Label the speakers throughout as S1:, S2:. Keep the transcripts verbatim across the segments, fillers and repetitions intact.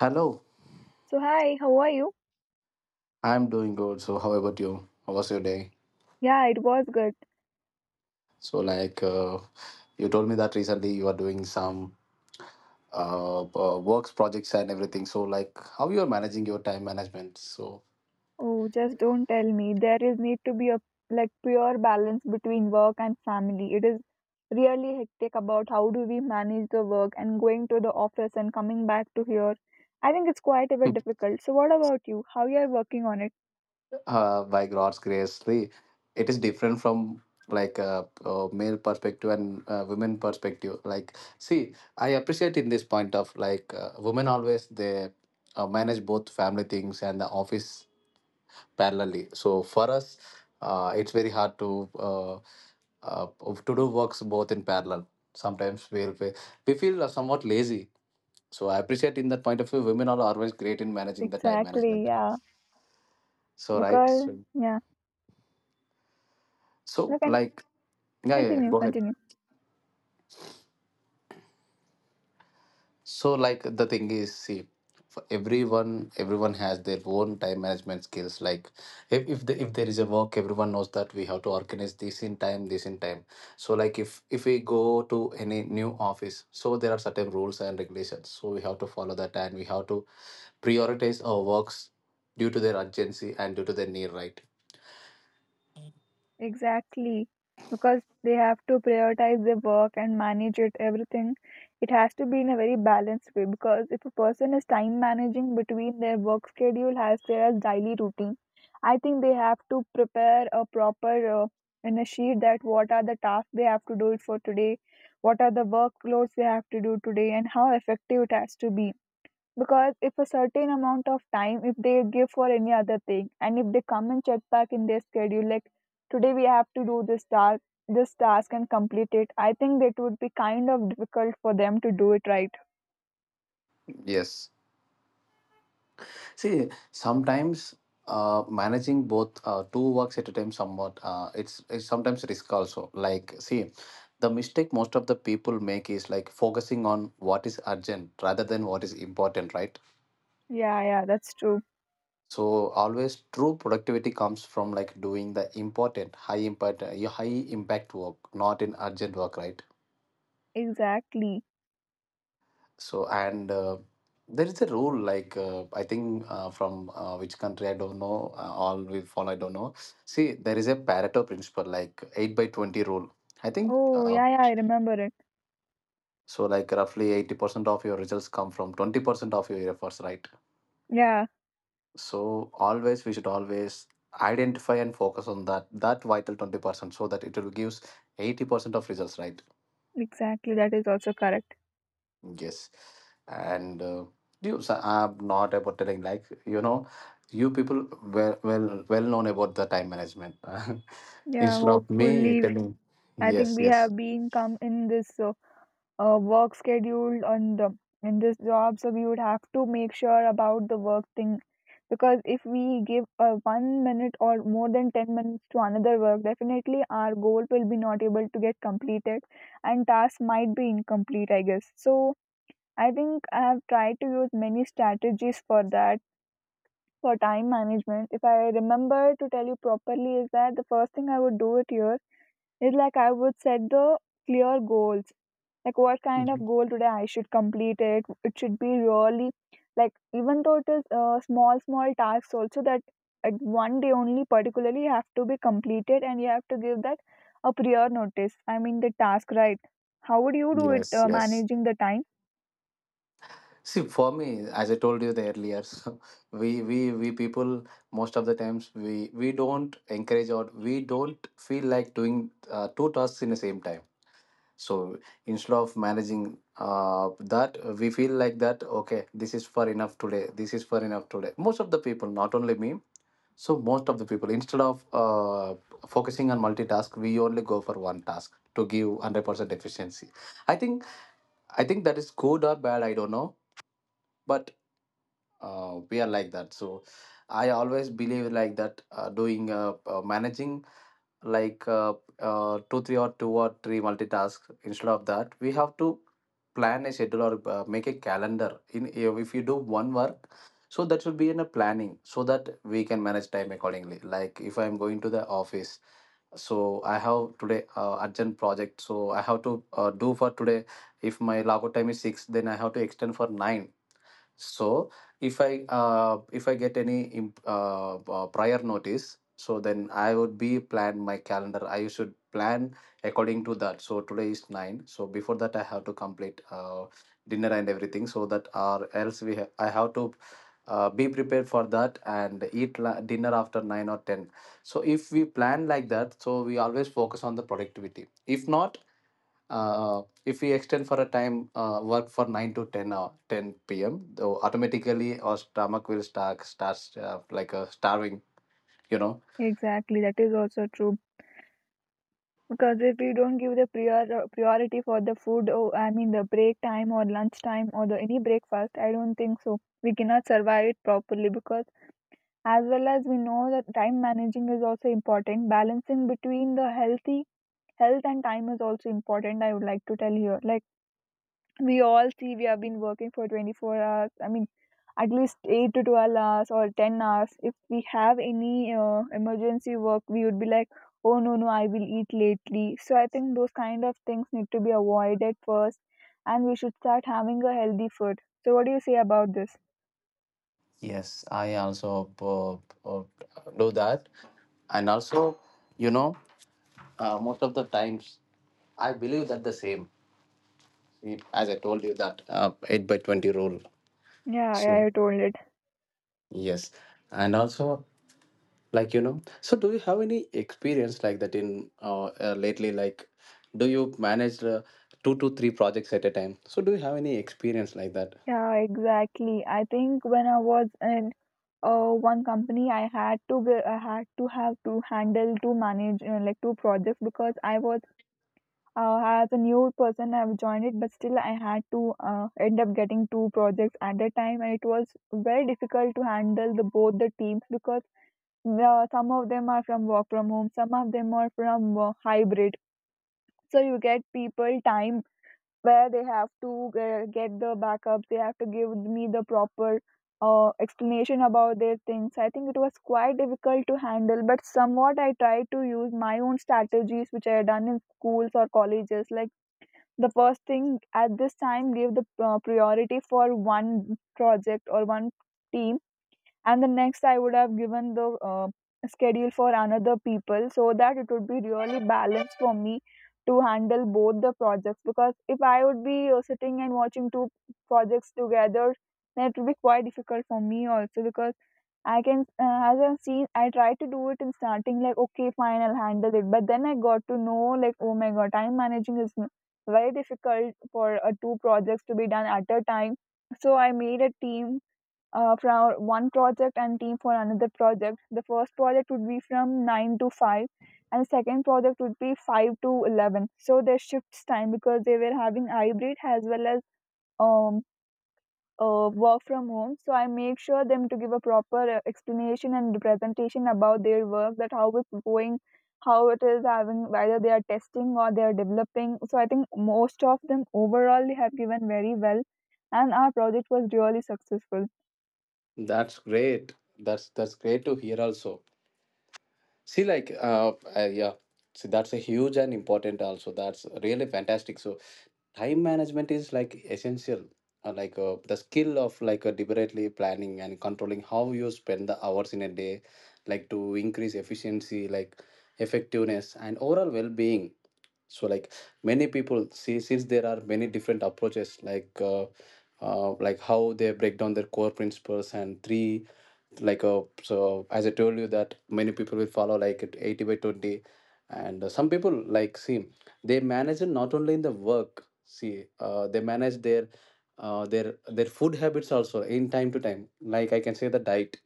S1: Hello,
S2: So hi, how are you?
S1: I'm doing good. So, how about you? How was your day?
S2: Yeah, it was good.
S1: So, like, uh, you told me that recently you are doing some uh, uh, works projects and everything. So, like, how you are managing your time management? So,
S2: Oh, just don't tell me. There is need to be a like pure balance between work and family. It is really hectic about how do we manage the work and going to the office and coming back to here. I think it's quite a bit difficult. So what about you? How you are working on it?
S1: uh, by God's grace, the, it is different from like a, uh uh, male perspective and uh, women perspective. Like, see, I appreciate in this point of like uh, women always they uh, manage both family things and the office parallelly. So for us, uh, it's very hard to uh, uh, to do works both in parallel. Sometimes we we we feel somewhat lazy. So I appreciate in that point of view, women are always great in managing the time
S2: Exactly,
S1: management.
S2: yeah.
S1: So right,
S2: Because
S1: so,
S2: yeah. No,
S1: so
S2: can
S1: like yeah, yeah, yeah.
S2: continue,
S1: Go ahead.
S2: continue.
S1: So, like the thing is, see, for everyone, everyone has their own time management skills. Like, if if, the, if there is a work, everyone knows that we have to organize this in time, this in time. So, like if if we go to any new office, so there are certain rules and regulations. So we have to follow that, and we have to prioritize our works due to their urgency and due to their need. Right?
S2: Exactly. Because they have to prioritize their work and manage it, everything. It has to be in a very balanced way because if a person is time managing between their work schedule as their daily routine, I think they have to prepare a proper uh, in a sheet that what are the tasks they have to do it for today, what are the workloads they have to do today, and how effective it has to be because if a certain amount of time if they give for any other thing and if they come and check back in their schedule like today we have to do this task this task and complete it. I think that would be kind of difficult for them to do it, right?
S1: Yes. See, sometimes uh, managing both uh, two works at a time somewhat uh, it's, it's sometimes risk also. Like, see, the mistake most of the people make is like focusing on what is urgent rather than what is important, right?
S2: Yeah, yeah, that's true.
S1: So always true productivity comes from like doing the important, high impact, uh, high impact work, not in urgent work, right?
S2: Exactly.
S1: So and uh, there is a rule like uh, I think uh, from uh, which country I don't know, uh, all we follow I don't know. See, there is a Pareto principle like eight by twenty rule, I think,
S2: Oh
S1: uh,
S2: yeah, yeah, I remember it.
S1: so like roughly eighty percent of your results come from twenty percent of your efforts, right?
S2: Yeah,
S1: So always we should always identify and focus on that that vital twenty percent so that it will gives eighty percent of results, right?
S2: exactly, that is also correct.
S1: Yes, and uh, you, so I'm not about telling like you know, you people well well well known about the time management.
S2: Yeah,
S1: Instead of me
S2: hopefully.
S1: telling,
S2: I think
S1: yes,
S2: we
S1: yes.
S2: have been come in this uh, uh, work schedule on the in this job, so we would have to make sure about the work thing because if we give a one minute or more than ten minutes to another work, definitely our goal will be not able to get completed and task might be incomplete, I guess so. I think I have tried to use many strategies for that. For time management, if I remember to tell you properly, is that the first thing I would do it here is like I would set the clear goals like what kind of
S1: Mhm.
S2: goal today I should complete it, it should be really like even though it is uh, small small tasks also that at one day only particularly have to be completed and you have to give that a prior notice, I mean the task, right? How would you do it,
S1: Yes,
S2: uh,
S1: yes.
S2: managing the time?
S1: See, for me, as I told you the earlier, so we we we people most of the times we we don't encourage or we don't feel like doing uh, two tasks in the same time. So instead of managing uh, that, we feel like that okay, this is for enough today, this is for enough today, most of the people, not only me. So most of the people instead of uh, focusing on multitask, we only go for one task to give one hundred percent efficiency. I think, I think that is good or bad, I don't know, but uh, we are like that. So I always believe like that uh, doing uh, uh, managing like uh, uh, two, three, or two or three multitasks. Instead of that, we have to plan a schedule or uh, make a calendar. In if you do one work, so that should be in a planning so that we can manage time accordingly. Like if I'm going to the office, so I have today uh, urgent project, so I have to uh, do for today. If my logout time is six, then I have to extend for nine. So if I uh, if I get any imp- uh, uh, prior notice, so then I would be plan my calendar. I should plan according to that. So today is nine. So before that, I have to complete uh, dinner and everything. So that or else we ha- I have to uh, be prepared for that and eat la- dinner after nine or ten. So if we plan like that, so we always focus on the productivity. If not, uh, if we extend for a time uh, work for nine to ten or ten p.m, though automatically our stomach will start starts uh, like a starving, you know.
S2: Exactly, that is also true. Because if we don't give the prior uh, priority for the food, or I mean the break time or lunch time or the any breakfast, I don't think so we cannot survive it properly because as well as we know that time managing is also important, balancing between the healthy health and time is also important. I would like to tell here like, we all see we have been working for twenty-four hours, I mean at least eight to twelve hours or ten hours. If we have any uh, emergency work we would be like, oh no no I will eat lately. So I think those kind of things need to be avoided first and we should start having a healthy food. So what do you say about this?
S1: Yes, I also uh, uh, do that. And also, you know, uh, most of the times I believe that the same. It, as I told you that uh, eight by twenty rule.
S2: Yeah,
S1: So
S2: yeah, I told it.
S1: yes, and also like, you know, so do you have any experience like that in uh, uh, lately, like do you manage uh, two to three projects at a time? So do you have any experience like that?
S2: Yeah, exactly. I think when I was in uh, one company, I had to ge- I had to have to handle to manage uh, like two projects because I was uh, as a new person I've joined it, but still I had to uh, end up getting two projects at a time, and it was very difficult to handle the both the teams because uh, some of them are from work from home, some of them are from uh, hybrid. So you get people time where they have to uh, get the backups, they have to give me the proper uh, explanation about their things. I think it was quite difficult to handle, but somewhat I tried to use my own strategies which I had done in schools or colleges like the first thing at this time give the uh, priority for one project or one team, and the next I would have given the uh, schedule for another people so that it would be really balanced for me to handle both the projects. Because if I would be uh, sitting and watching two projects together, then it would be quite difficult for me also because I can uh, as I've seen I tried to do it in starting like okay fine I'll handle it, but then I got to know like oh my god, time managing is n- very difficult for uh, two projects to be done at a time. So I made a team uh, from one project and team for another project. The first project would be from nine to five and the second project would be five to eleven. So they shifts time because they were having hybrid as well as um, uh, work from home. So I make sure them to give a proper uh, explanation and presentation about their work, that how it's going, how it is having, whether they are testing or they are developing. So I think most of them overall they have given very well and our project was really successful.
S1: That's great, that's that's great to hear also. See, like, uh, uh, yeah, see, that's a huge and important also. That's really fantastic. So, time management is like essential, uh, like uh, the skill of like uh, deliberately planning and controlling how you spend the hours in a day, like to increase efficiency, like effectiveness, and overall well being. So like many people see, since there are many different approaches like uh, uh, like how they break down their core principles and three like uh, so as I told you that many people will follow like it eighty by twenty. And uh, some people like, see, they manage it not only in the work. See, uh, they manage their uh, their their food habits also in time to time, like I can say the diet,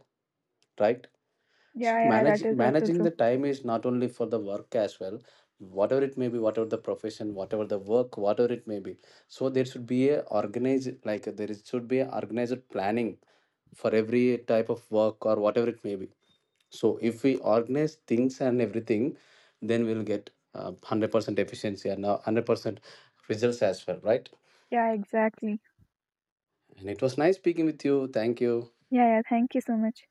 S1: right?
S2: Yeah,
S1: So
S2: yeah, that
S1: manage
S2: is also
S1: managing
S2: true.
S1: the time is not only for the work as well, whatever it may be, whatever the profession, whatever the work, whatever it may be. So there should be a organized like there is, should be a organized planning for every type of work or whatever it may be. So if we organize things and everything, then we'll get uh, one hundred percent efficiency and uh, one hundred percent results as well, right?
S2: Yeah, exactly.
S1: And it was nice speaking with you. Thank you.
S2: Yeah, yeah, thank you so much.